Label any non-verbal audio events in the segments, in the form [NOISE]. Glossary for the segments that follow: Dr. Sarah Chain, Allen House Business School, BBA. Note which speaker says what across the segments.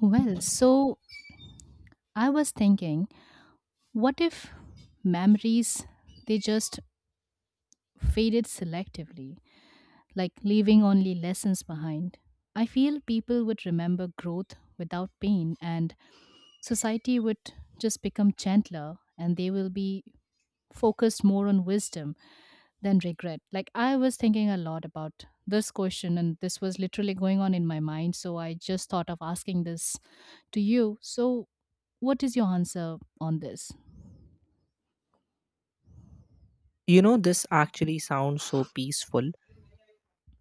Speaker 1: Well, so I was thinking, what if memories they just faded selectively, like leaving only lessons behind? I feel people would remember growth without pain and society would just become gentler and they will be focused more on wisdom than regret. Like I was thinking a lot about this question and this was literally going on in my mind, so I just thought of asking this to you. So, what is your answer on this?
Speaker 2: You know, this actually sounds so peaceful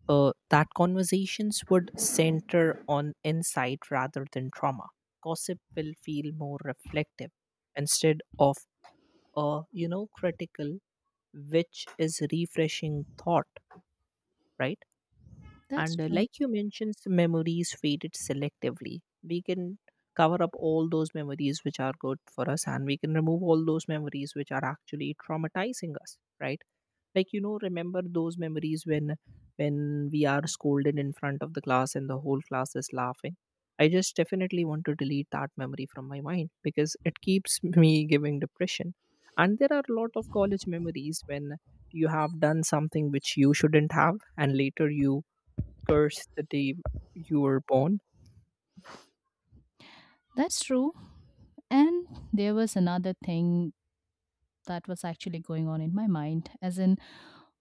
Speaker 2: that conversations would center on insight rather than trauma. Gossip will feel more reflective instead of, critical, which is refreshing thought, right?
Speaker 1: That's
Speaker 2: And
Speaker 1: true.
Speaker 2: like you mentioned, memories faded selectively. We can cover up all those memories which are good for us and we can remove all those memories which are actually traumatizing us, right? Remember those memories when when we are scolded in front of the class and the whole class is laughing. I just definitely want to delete that memory from my mind because it keeps [LAUGHS] me giving depression, and there are a lot of college memories when you have done something which you shouldn't have and later you curse the day you were born?
Speaker 1: That's true. And there was another thing that was actually going on in my mind, as in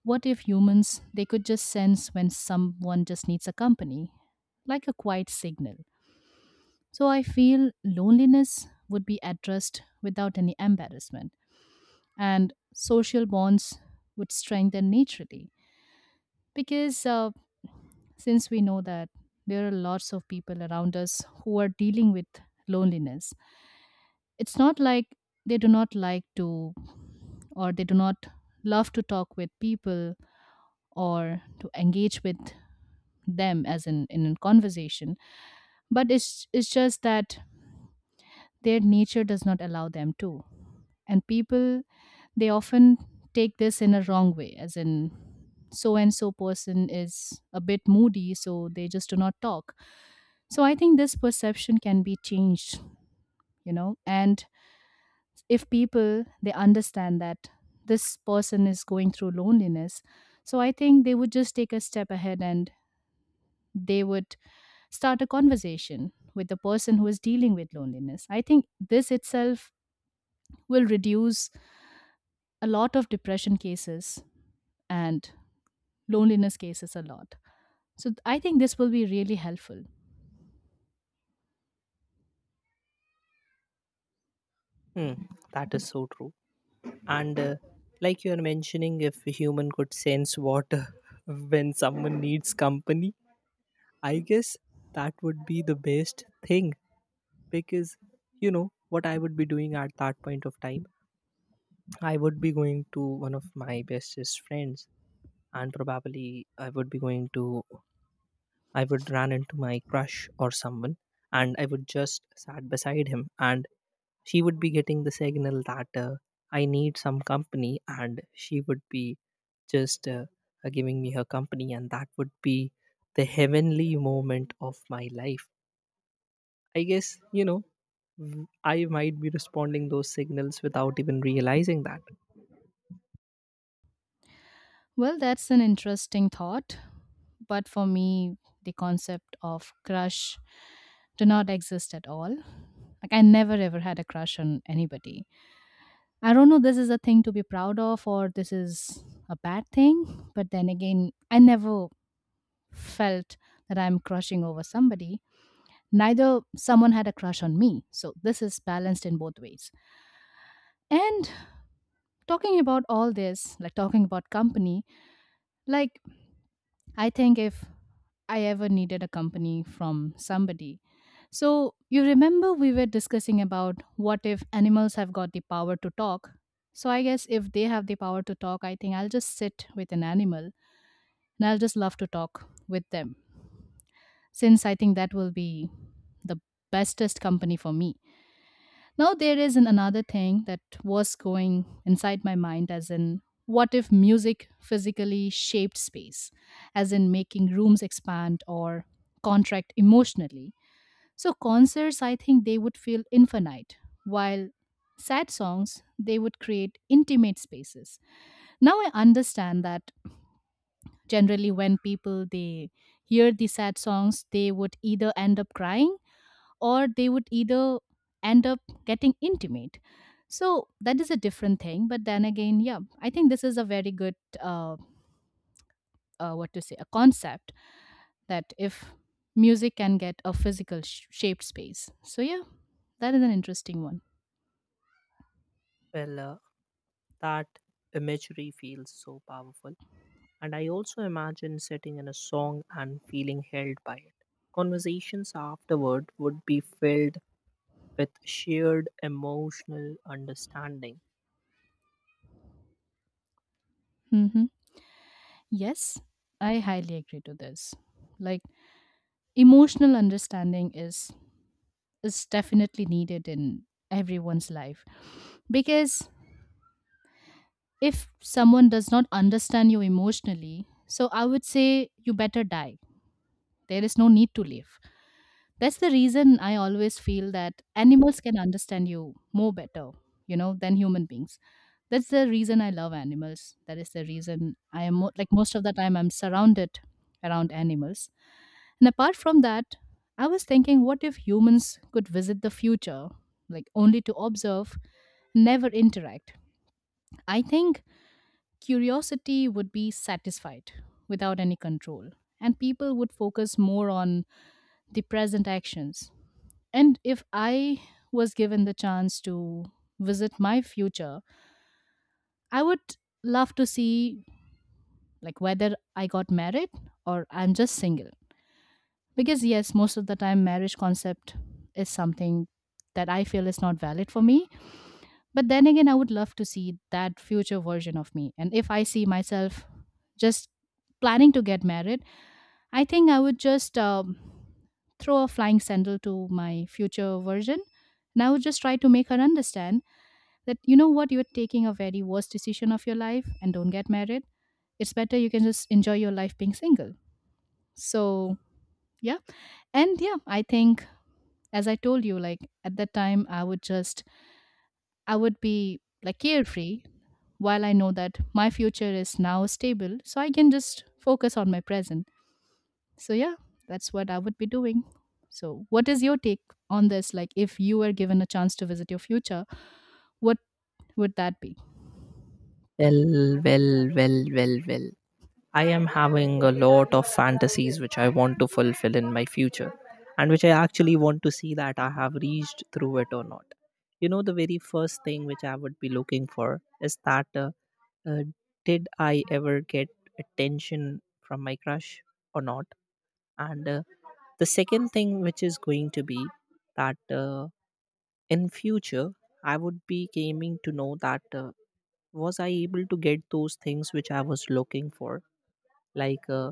Speaker 1: what if humans they could just sense when someone just needs a company, like a quiet signal. So I feel loneliness would be addressed without any embarrassment and social bonds would strengthen naturally because since we know that there are lots of people around us who are dealing with loneliness. It's not like they do not like to or they do not love to talk with people or to engage with them as in a conversation, but it's just that their nature does not allow them to. And people they often take this in a wrong way, as in so and so person is a bit moody so they just do not talk. So I think this perception can be changed, you know. And if people they understand that this person is going through loneliness, so I think they would just take a step ahead and they would start a conversation with the person who is dealing with loneliness. I think this itself will reduce a lot of depression cases and loneliness cases a lot. So I think this will be really helpful.
Speaker 2: Hmm, that is so true. And like you are mentioning, if a human could sense water [LAUGHS] when someone needs company, I guess that would be the best thing because what I would be doing at that point of time. I would be going to one of my bestest friends, and probably I would be going to, I would run into my crush or someone, and I would just sat beside him, and she would be getting the signal that I need some company, and she would be just giving me her company, and that would be the heavenly moment of my life I guess, you know, I might be responding those signals without even realizing that.
Speaker 1: Well, that's an interesting thought. But for me, the concept of crush do not exist at all. Like I never ever had a crush on anybody. I don't know this is a thing to be proud of or this is a bad thing, but then again, I never felt that I'm crushing over somebody. Neither someone had a crush on me. So this is balanced in both ways. And talking about all this, like talking about company, like I think if I ever needed a company from somebody. So, you remember we were discussing about what if animals have got the power to talk? So, I guess if they have the power to talk, I think I'll just sit with an animal and I'll just love to talk with them. Since I think that will be the bestest company for me. Now, there is an, another thing that was going inside my mind, as in, what if music physically shaped space, as in making rooms expand or contract emotionally? So, concerts, I think they would feel infinite, while sad songs, they would create intimate spaces. Now, I understand that generally when people they hear the sad songs they would either end up crying or they would either end up getting intimate. So that is a different thing. But then again, yeah, I think this is a very good, what to say, a concept that if music can get a physical shaped space. So yeah, that is an interesting one.
Speaker 2: Well, uh, that imagery feels so powerful. And I also imagine sitting in a song and feeling held by it. Conversations afterward would be filled with shared emotional understanding.
Speaker 1: Hmm. Yes, I highly agree to this. Like emotional understanding is definitely needed in everyone's life because if someone does not understand you emotionally, so I would say you better die. There is no need to live. That's the reason I always feel that animals can understand you more better, you know, than human beings. That's the reason I love animals. That is the reason I am like most of the time I'm surrounded around animals. And apart from that, I was thinking, what if humans could visit the future, like only to observe, never interact? I think curiosity would be satisfied without any control and people would focus more on the present actions. And if I was given the chance to visit my future, I would love to see like whether I got married or I'm just single, because yes most of the time marriage concept is something that I feel is not valid for me. But then again, I would love to see that future version of me, and if I see myself just planning to get married, I think I would just throw a flying sandal to my future version. And I would just try to make her understand that, you know what, you're taking a very worst decision of your life and don't get married. It's better you can just enjoy your life being single. So, yeah. And yeah, I think, as I told you, like at that time, I would just, I would be like carefree while I know that my future is now stable. So I can just focus on my present. So yeah, that's what I would be doing. So what is your take on this? Like if you were given a chance to visit your future, what would that be?
Speaker 2: Well, well, well, well, well. I am having a lot of fantasies which I want to fulfill in my future and which I actually want to see that I have reached through it or not. You know, the very first thing which I would be looking for is that uh, did I ever get attention from my crush or not? And the second thing which is going to be that in future, I would be aiming to know that was I able to get those things which I was looking for, like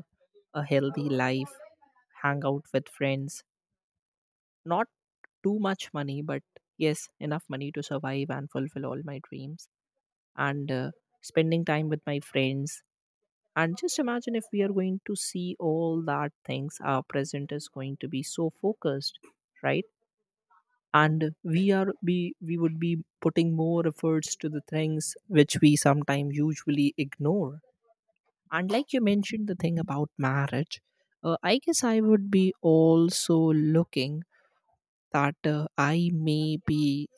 Speaker 2: a healthy life, hang out with friends, not too much money, but yes, enough money to survive and fulfill all my dreams, and spending time with my friends. And just imagine if we are going to see all that things, our present is going to be so focused, right? And we would be putting more efforts to the things which we sometimes usually ignore. And like you mentioned the thing about marriage, I guess I would be also looking that I may be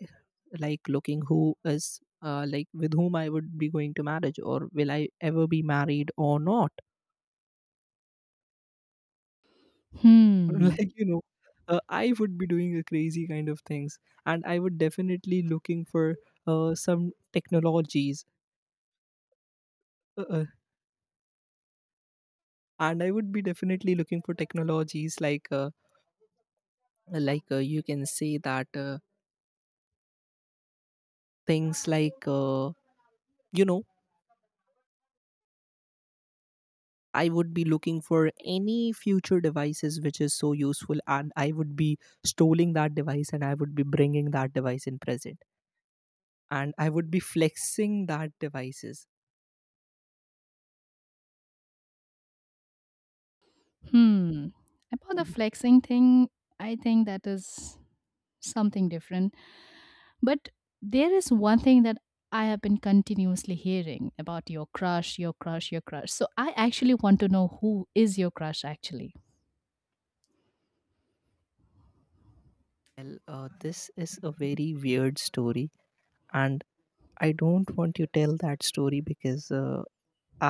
Speaker 2: like looking who is like with whom I would be going to marriage or will I ever be married or not. [LAUGHS]
Speaker 1: Hmm.
Speaker 2: Like, you know, I would be doing a crazy kind of things, and I would definitely looking for some technologies. Uh, uh, and I would be definitely looking for technologies like you can say that. Things like you know I would be looking for any future devices which is so useful, and I would be stealing that device, and I would be bringing that device in present, and I would be flexing that devices.
Speaker 1: Hmm. About the flexing thing, I think that is something different. But there is one thing that I have been continuously hearing about your crush, your crush, your crush. So I actually want to know who is your crush actually.
Speaker 2: Well, this is a very weird story, and I don't want you to tell that story because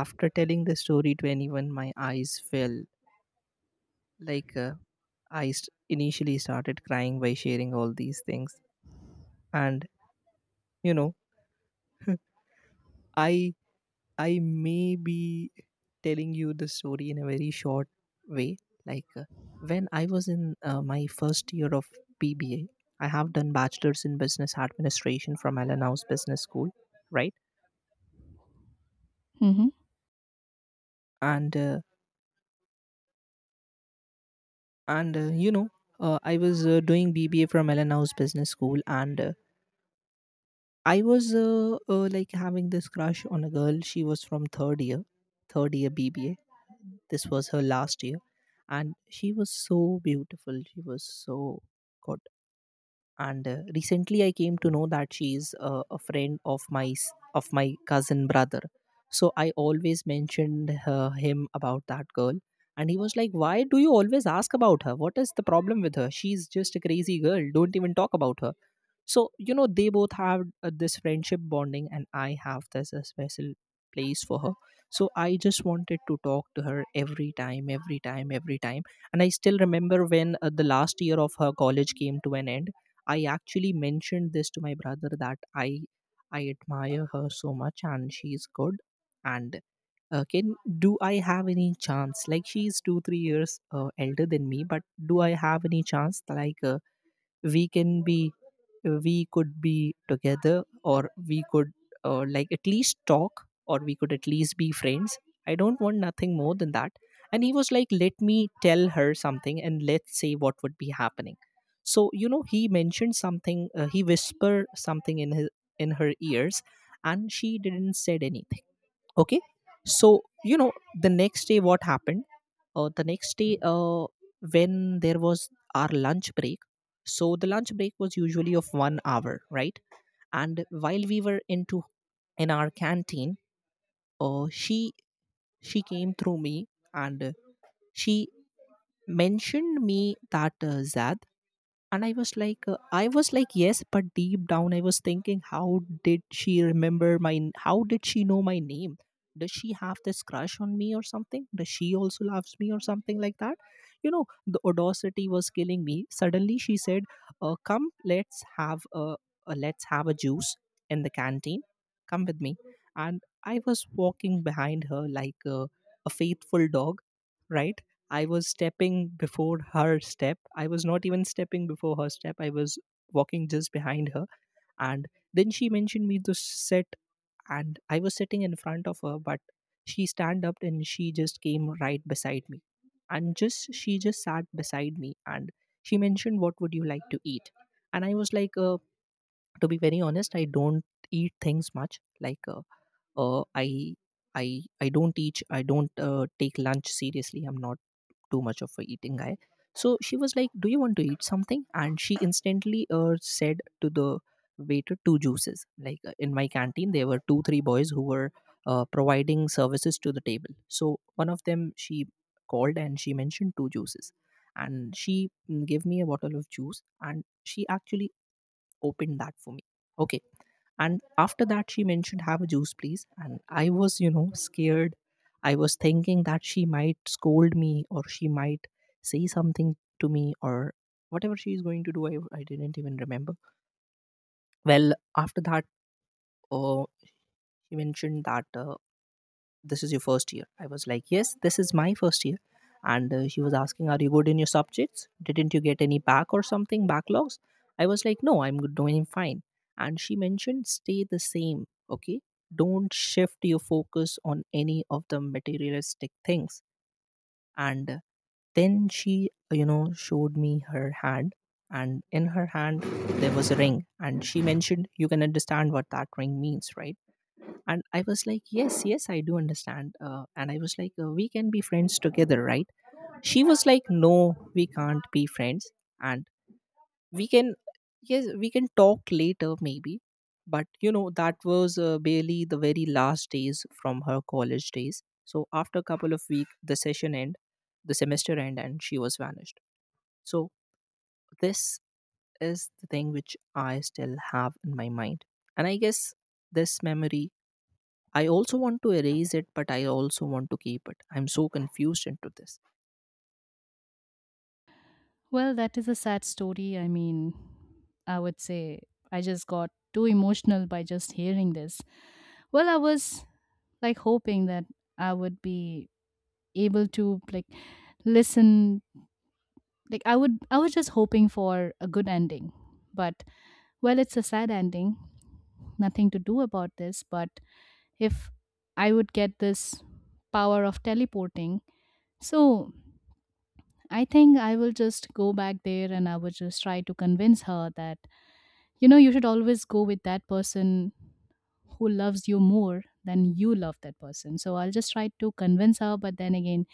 Speaker 2: after telling the story to anyone my eyes fell. Like initially started crying by sharing all these things, and you know [LAUGHS] i I may be telling you the story in a very short way. Like when I was in my first year of BBA, I have done bachelor's in business administration from Allen House Business School, right?
Speaker 1: Hmm.
Speaker 2: And and uh, you know, I was doing BBA from Allen House Business School, and I was like having this crush on a girl. She was from third year BBA. This was her last year, and she was so beautiful. She was so good. And recently, I came to know that she is a friend of of my cousin brother. So I always mentioned her, him about that girl, and he was like, "Why do you always ask about her? What is the problem with her? She's just a crazy girl. Don't even talk about her." So you know they both have this friendship bonding, and I have this special place for her. So I just wanted to talk to her every time. And I still remember when the last year of her college came to an end, I actually mentioned this to my brother that I admire her so much and she's good, and can do I have any chance, like she's 2 3 years elder than me, but do I have any chance, like we can be we could be together, or we could like at least talk, or we could at least be friends. I don't want nothing more than that. And he was like, let me tell her something and let's say what would be happening. So you know he mentioned something, he whispered something in his in her ears, and she didn't said anything. Okay. So you know the next day what happened. The next day when there was our lunch break, so the lunch break was usually of 1 hour, right? And while we were into in our canteen, uh, she she came through me, and she mentioned me that Zad. And I was like yes, but deep down I was thinking how did she remember how did she know my name? Does she have this crush on me or something? Does she also loves me or something like that? You know the audacity was killing me. Suddenly she said, come let's have a juice in the canteen, come with me. And I was walking behind her like a faithful dog, right? I was stepping before her step. I was not even stepping before her step. I was walking just behind her. And then she mentioned me to sit, and I was sitting in front of her, but she stand up and she just came right beside me. And just she just sat beside me and she mentioned, "What would you like to eat?" And I was like, to be very honest, I don't eat things much. Like, uh, i I don't teach, I don't take lunch seriously. I'm not too much of a eating guy. So she was like, do you want to eat something? And she instantly said to the waiter two juices. Like in my canteen there were two, three boys who were providing services to the table. So one of them she called, and she mentioned two juices. And she gave me a bottle of juice, and she actually opened that for me. Okay. And after that, she mentioned, "Have a juice, please." And I was, you know, scared. I was thinking that she might scold me or she might say something to me or whatever she is going to do. I didn't even remember. Well, after that, uh, she mentioned that this is your first year. I was like yes, this is my first year. And she was asking are you good in your subjects, didn't you get any back or something, backlogs? I was like no, I'm good, doing fine. And she mentioned stay the same, okay, don't shift your focus on any of the materialistic things. And then she you know showed me her hand, and in her hand there was a ring, and she mentioned you can understand what that ring means, right? And I was like yes, yes, I do understand, and I was like we can be friends together, right? She was like no, we can't be friends, and we can yes, we can talk later maybe. But you know that was barely the very last days from her college days. So after a couple of weeks the session end, the semester end, and she was vanished. So this is the thing which I still have in my mind, and I guess this memory I also want to erase it, but I also want to keep it. I'm so confused into this.
Speaker 1: Well, that is a sad story. I mean, I would say I just got too emotional by just hearing this. Well, I was like hoping that I would be able to like listen, like I was just hoping for a good ending. But well, it's a sad ending. Nothing to do about this, but if I would get this power of teleporting, so I think I will just go back there and I would just try to convince her that, you know, you should always go with that person who loves you more than you love that person. So I'll just try to convince her, but then again,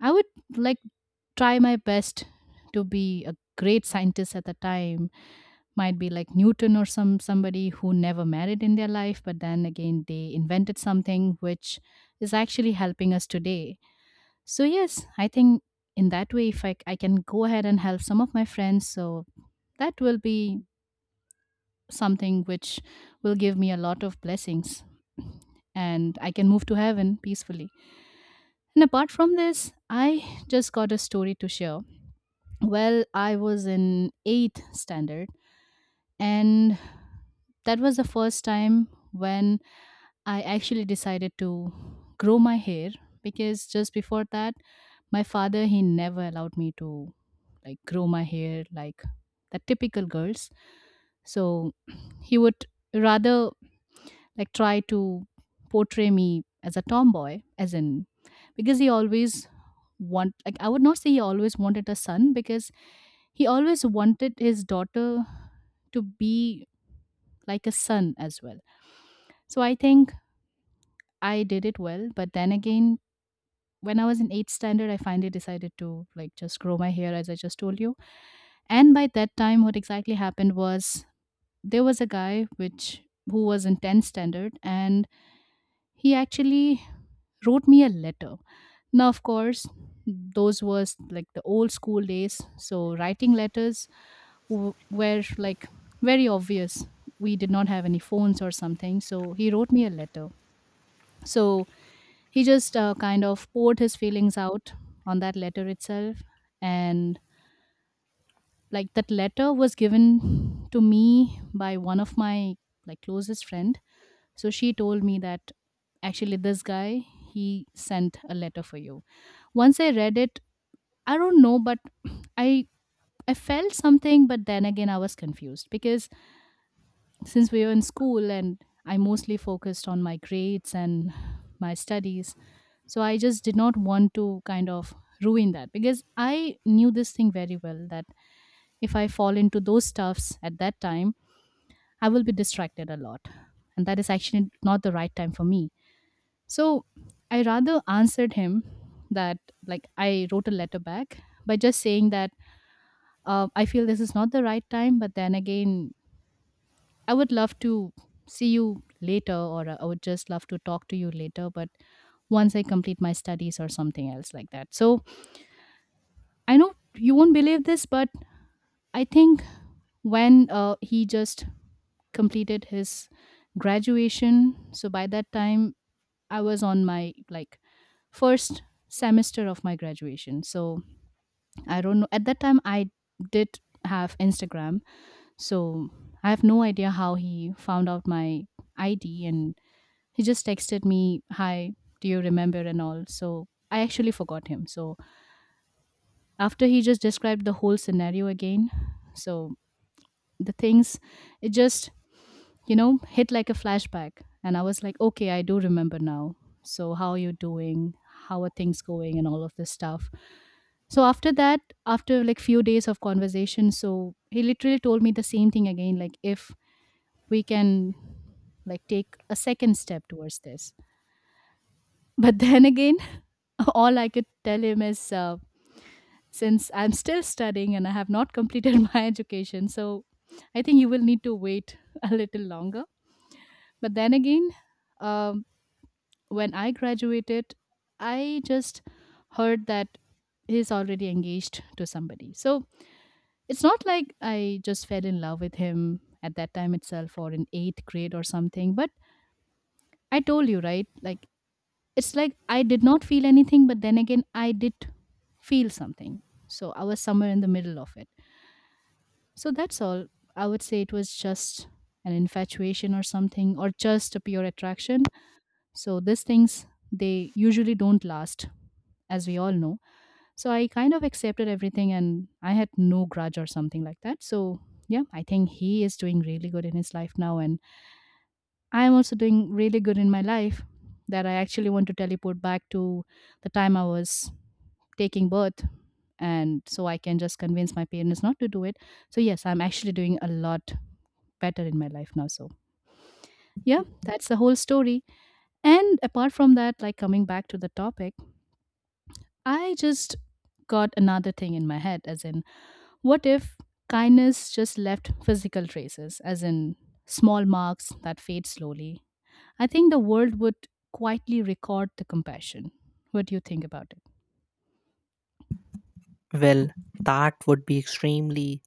Speaker 1: I would like try my best to be a great scientist at the time, might be like Newton or somebody who never married in their life, but then again they invented something which is actually helping us today. So yes, I think in that way, if I can go ahead and help some of my friends, so that will be something which will give me a lot of blessings and I can move to heaven peacefully. And apart from this, I just got a story to share. Well, I was in 8th standard. And that was the first time when I actually decided to grow my hair, because just before that, my father he never allowed me to like grow my hair like the typical girls. So he would rather like try to portray me as a tomboy, as in because he always want, like I would not say he always wanted a son, because he always wanted his daughter to be like a son as well. So I think I did it well, but then again, when I was in eighth standard, I finally decided to like just grow my hair as I just told you. And by that time, what exactly happened was there was a guy which who was in tenth standard, and he actually wrote me a letter. Now, of course, those was like the old school days, so writing letters were like very obvious. We did not have any phones or something, so he wrote me a letter. So he just kind of poured his feelings out on that letter itself. And like that letter was given to me by one of my like closest friend. So she told me that actually this guy, he sent a letter for you. Once I read it, I don't know, but [CLEARS THROAT] I I felt something, but then again I was confused because since we were in school and I mostly focused on my grades and my studies, so I just did not want to kind of ruin that because I knew this thing very well that if I fall into those stuffs at that time, I will be distracted a lot. And that is actually not the right time for me. So I rather answered him that, like, I wrote a letter back by just saying that I feel this is not the right time, but then again, I would love to see you later, or I would just love to talk to you later, but once I complete my studies or something else like that. So I know you won't believe this, but I think when he just completed his graduation, so by that time I was on my like first semester of my graduation. So I don't know. At that time, I did have Instagram, so I have no idea how he found out my ID. And he just texted me, "Hi, do you remember?" and all. So I actually forgot him. So after he just described the whole scenario again, so the things it just hit like a flashback, and I was like, "Okay, I do remember now." So how are you doing? How are things going? And all of this stuff. So after that, after like few days of conversation, he literally told me the same thing again, like if we can like take a second step towards this. But [LAUGHS] then again, [LAUGHS] all I could tell him is since I'm still studying and I have not completed [LAUGHS] my education, so I think you will need to wait [LAUGHS] a little longer. But then again, um, when I graduated, I just heard that he's already engaged to somebody. So it's not like I just fell in love with him at that time itself or in eighth grade or something. But I told you, right? Like it's like I did not feel anything, but then again, I did feel something. So I was somewhere in the middle of it. So that's all. I would say it was just an infatuation or something, or just a pure attraction. So these things, they usually don't last, as we all know. So I kind of accepted everything and I had no grudge or something like that. So yeah, I think he is doing really good in his life now. And I'm also doing really good in my life that I actually want to teleport back to the time I was taking birth and so I can just convince my parents not to do it. So yes, I'm actually doing a lot better in my life now. So yeah, that's the whole story. And apart from that, like coming back to the topic, I just got another thing in my head as in what if kindness just left physical traces, as in small marks that fade slowly? I think the world would quietly record the compassion. What do you think about it?
Speaker 2: Well, that would be extremely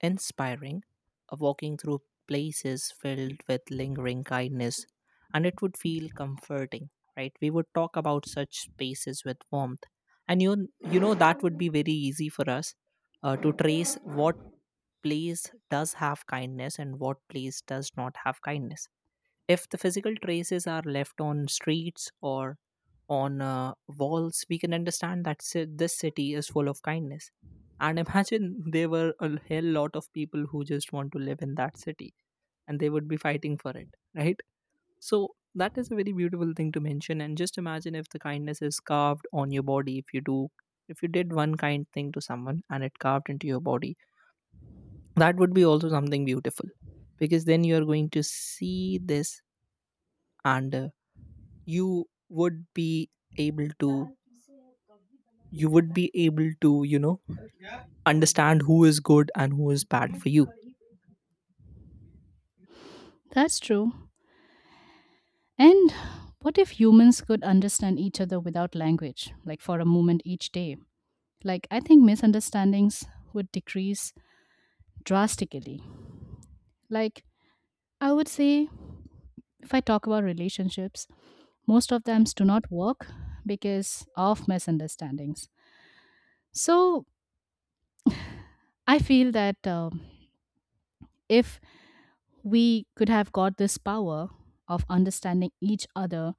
Speaker 2: inspiring. A walking through places filled with lingering kindness, and it would feel comforting, right? We would talk about such spaces with warmth, and that would be very easy for us to trace what place does have kindness and what place does not have kindness. If the physical traces are left on streets or on walls, we can understand that this city is full of kindness. And imagine [LAUGHS] there were a hell lot of people who just want to live in that city, and they would be fighting for it, right? So that is a very beautiful thing to mention. And just imagine if the kindness is carved on your body, if you did one kind thing to someone and it carved into your body, that would be also something beautiful, because then you are going to see this, and you would be able to you would be able to you know understand who is good and who is bad for you.
Speaker 1: That's true. And what if humans could understand each other without language, like for a moment each day? Like, I think misunderstandings would decrease drastically. Like, I would say, if I talk about relationships, most of them do not work because of misunderstandings. So, I feel that if we could have got this power of understanding each other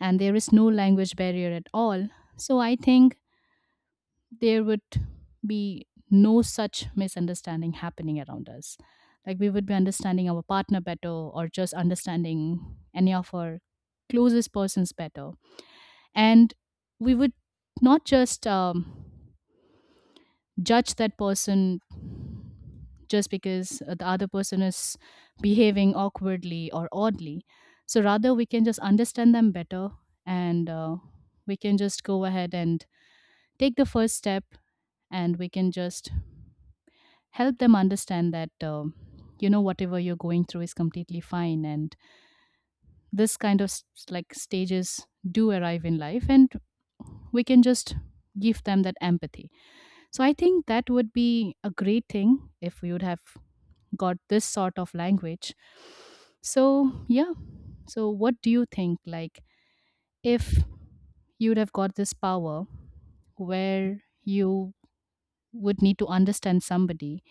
Speaker 1: and there is no language barrier at all, so I think there would be no such misunderstanding happening around us. Like we would be understanding our partner better, or just understanding any of our closest persons better. And we would not just judge that person just because the other person is behaving awkwardly or oddly. So rather, we can just understand them better, and we can just go ahead and take the first step, and we can just help them understand that whatever you're going through is completely fine, and this kind of s- like stages do arrive in life, and we can just give them that empathy. So I think that would be a great thing if we would have got this sort of language. So yeah, so what do you think, like if you would have got this power where you would need to understand somebody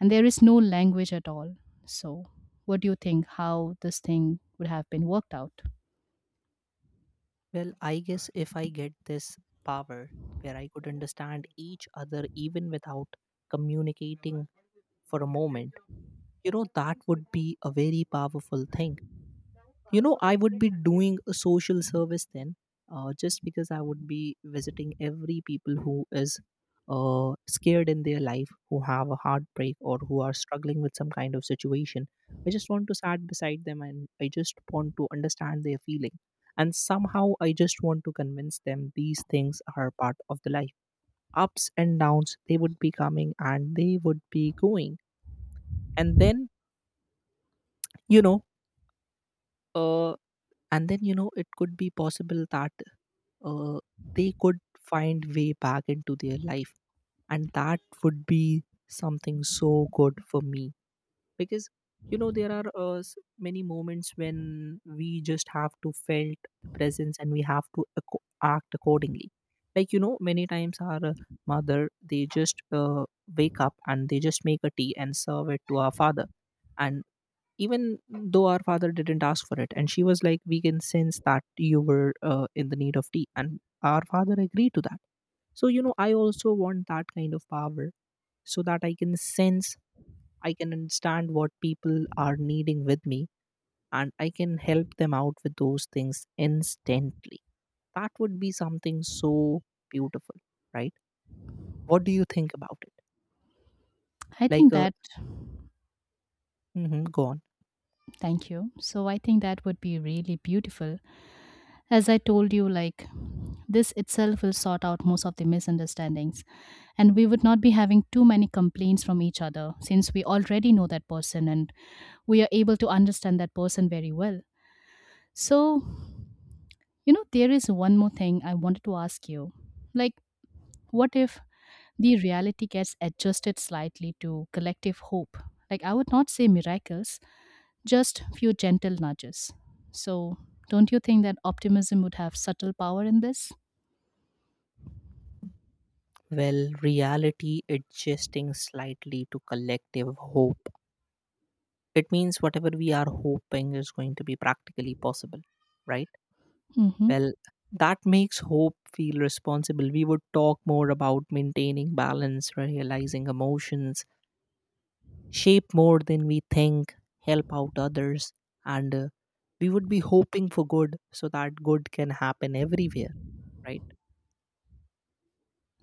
Speaker 1: and there is no language at all? So, what do you think, how this thing would have been worked out?
Speaker 2: Well, I guess if I get this power where I could understand each other even without communicating for a moment, that would be a very powerful thing. I would be doing a social service then, just because I would be visiting every people who is scared in their life, who have a heartbreak or who are struggling with some kind of situation. I just want to sat beside them, and I just want to understand their feeling, and somehow I just want to convince them these things are part of the life. Ups and downs, they would be coming and they would be going. And then you know uh, and then you know it could be possible that uh, they could find way back into their life, and that would be something so good for me, because there are many moments when we just have to felt the presence and we have to act accordingly. Like, many times our mother, they just wake up and they just make a tea and serve it to our father. And even though our father didn't ask for it, and she was like, we can sense that you were in the need of tea, and our father agreed to that. So I also want that kind of power, so that I can sense, I can understand what people are needing with me, and I can help them out with those things instantly. That would be something so beautiful, right? What do you think about it?
Speaker 1: I
Speaker 2: Like,
Speaker 1: think that,
Speaker 2: mhm, go on.
Speaker 1: thank you. So, I think that would be really beautiful. As I told you, like, this itself will sort out most of the misunderstandings, and we would not be having too many complaints from each other since we already know that person and we are able to understand that person very well. So, you know, there is one more thing I wanted to ask you. Like, what if the reality gets adjusted slightly to collective hope? Like, I would not say miracles, just few gentle nudges. So, don't you think that optimism would have subtle power in this?
Speaker 2: Well, reality adjusting slightly to collective hope. It means whatever we are hoping is going to be practically possible, right?
Speaker 1: Hmm.
Speaker 2: Well, that makes hope feel responsible. We would talk more about maintaining balance, realizing emotions, shape more than we think, help out others, and we would be hoping for good so that good can happen everywhere, right?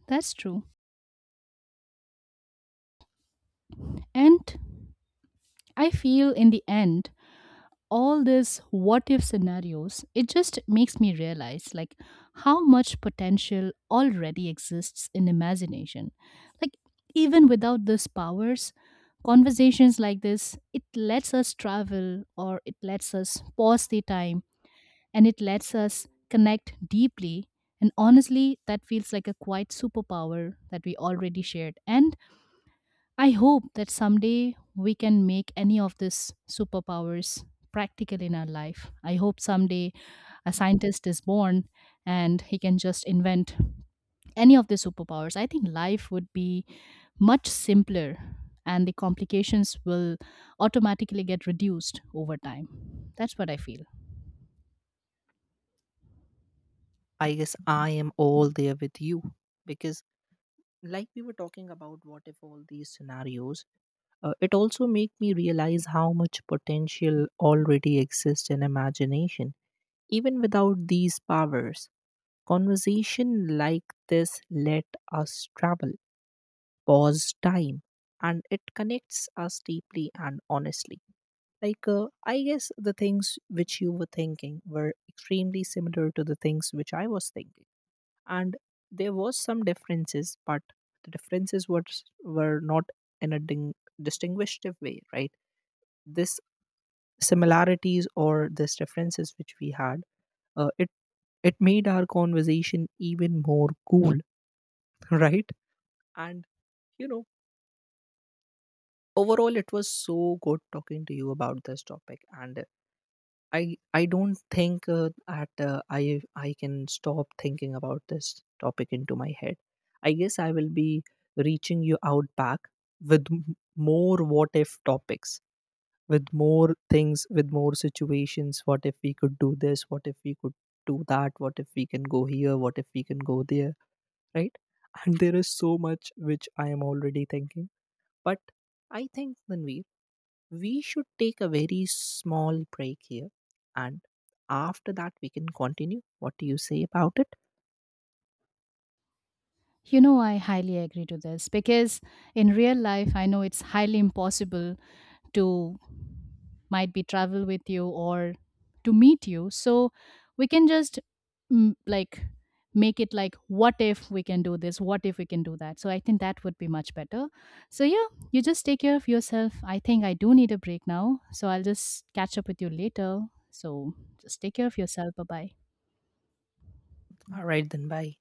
Speaker 1: That's true. And I feel in the end, all these what if scenarios, it just makes me realize like how much potential already exists in imagination. Like even without these powers, conversations like this, it lets us travel, or it lets us pause the time, and it lets us connect deeply. And honestly, that feels like a quiet superpower that we already shared, and I hope that someday we can make any of these superpowers practical in our life. I hope someday a scientist is born and he can just invent any of the superpowers. I think life would be much simpler and the complications will automatically get reduced over time. That's what I feel.
Speaker 2: I guess I am all there with you, because, like we were talking about, what if all these scenarios. It also made me realize how much potential already exists in imagination. Even without these powers, conversation like this let us travel, pause time, and it connects us deeply and honestly. Like, I guess the things which you were thinking were extremely similar to the things which I was thinking. And there was some differences, but the differences were not in a distinguished way, right? This similarities or these differences which we had, uh, it it made our conversation even more cool. [LAUGHS] Right? And you know overall it was so good talking to you about this topic, and i I don't think at I can stop thinking about this topic into my head. I guess I will be reaching you out back with more what if topics, with more things, with more situations. What if we could do this? What if we could do that? What if we can go here? What if we can go there, right? [LAUGHS] And there is so much which I am already thinking, but I think Manveer, we should take a very small break here, and after that we can continue. What do you say about it?
Speaker 1: You know, I highly agree to this because in real life, I know it's highly impossible to might be travel with you or to meet you. So we can just like make it like, what if we can do this? What if we can do that? So I think that would be much better. So yeah, you just take care of yourself. I think I do need a break now. So I'll just catch up with you later. So just take care of yourself. Bye bye.
Speaker 2: All right then, bye.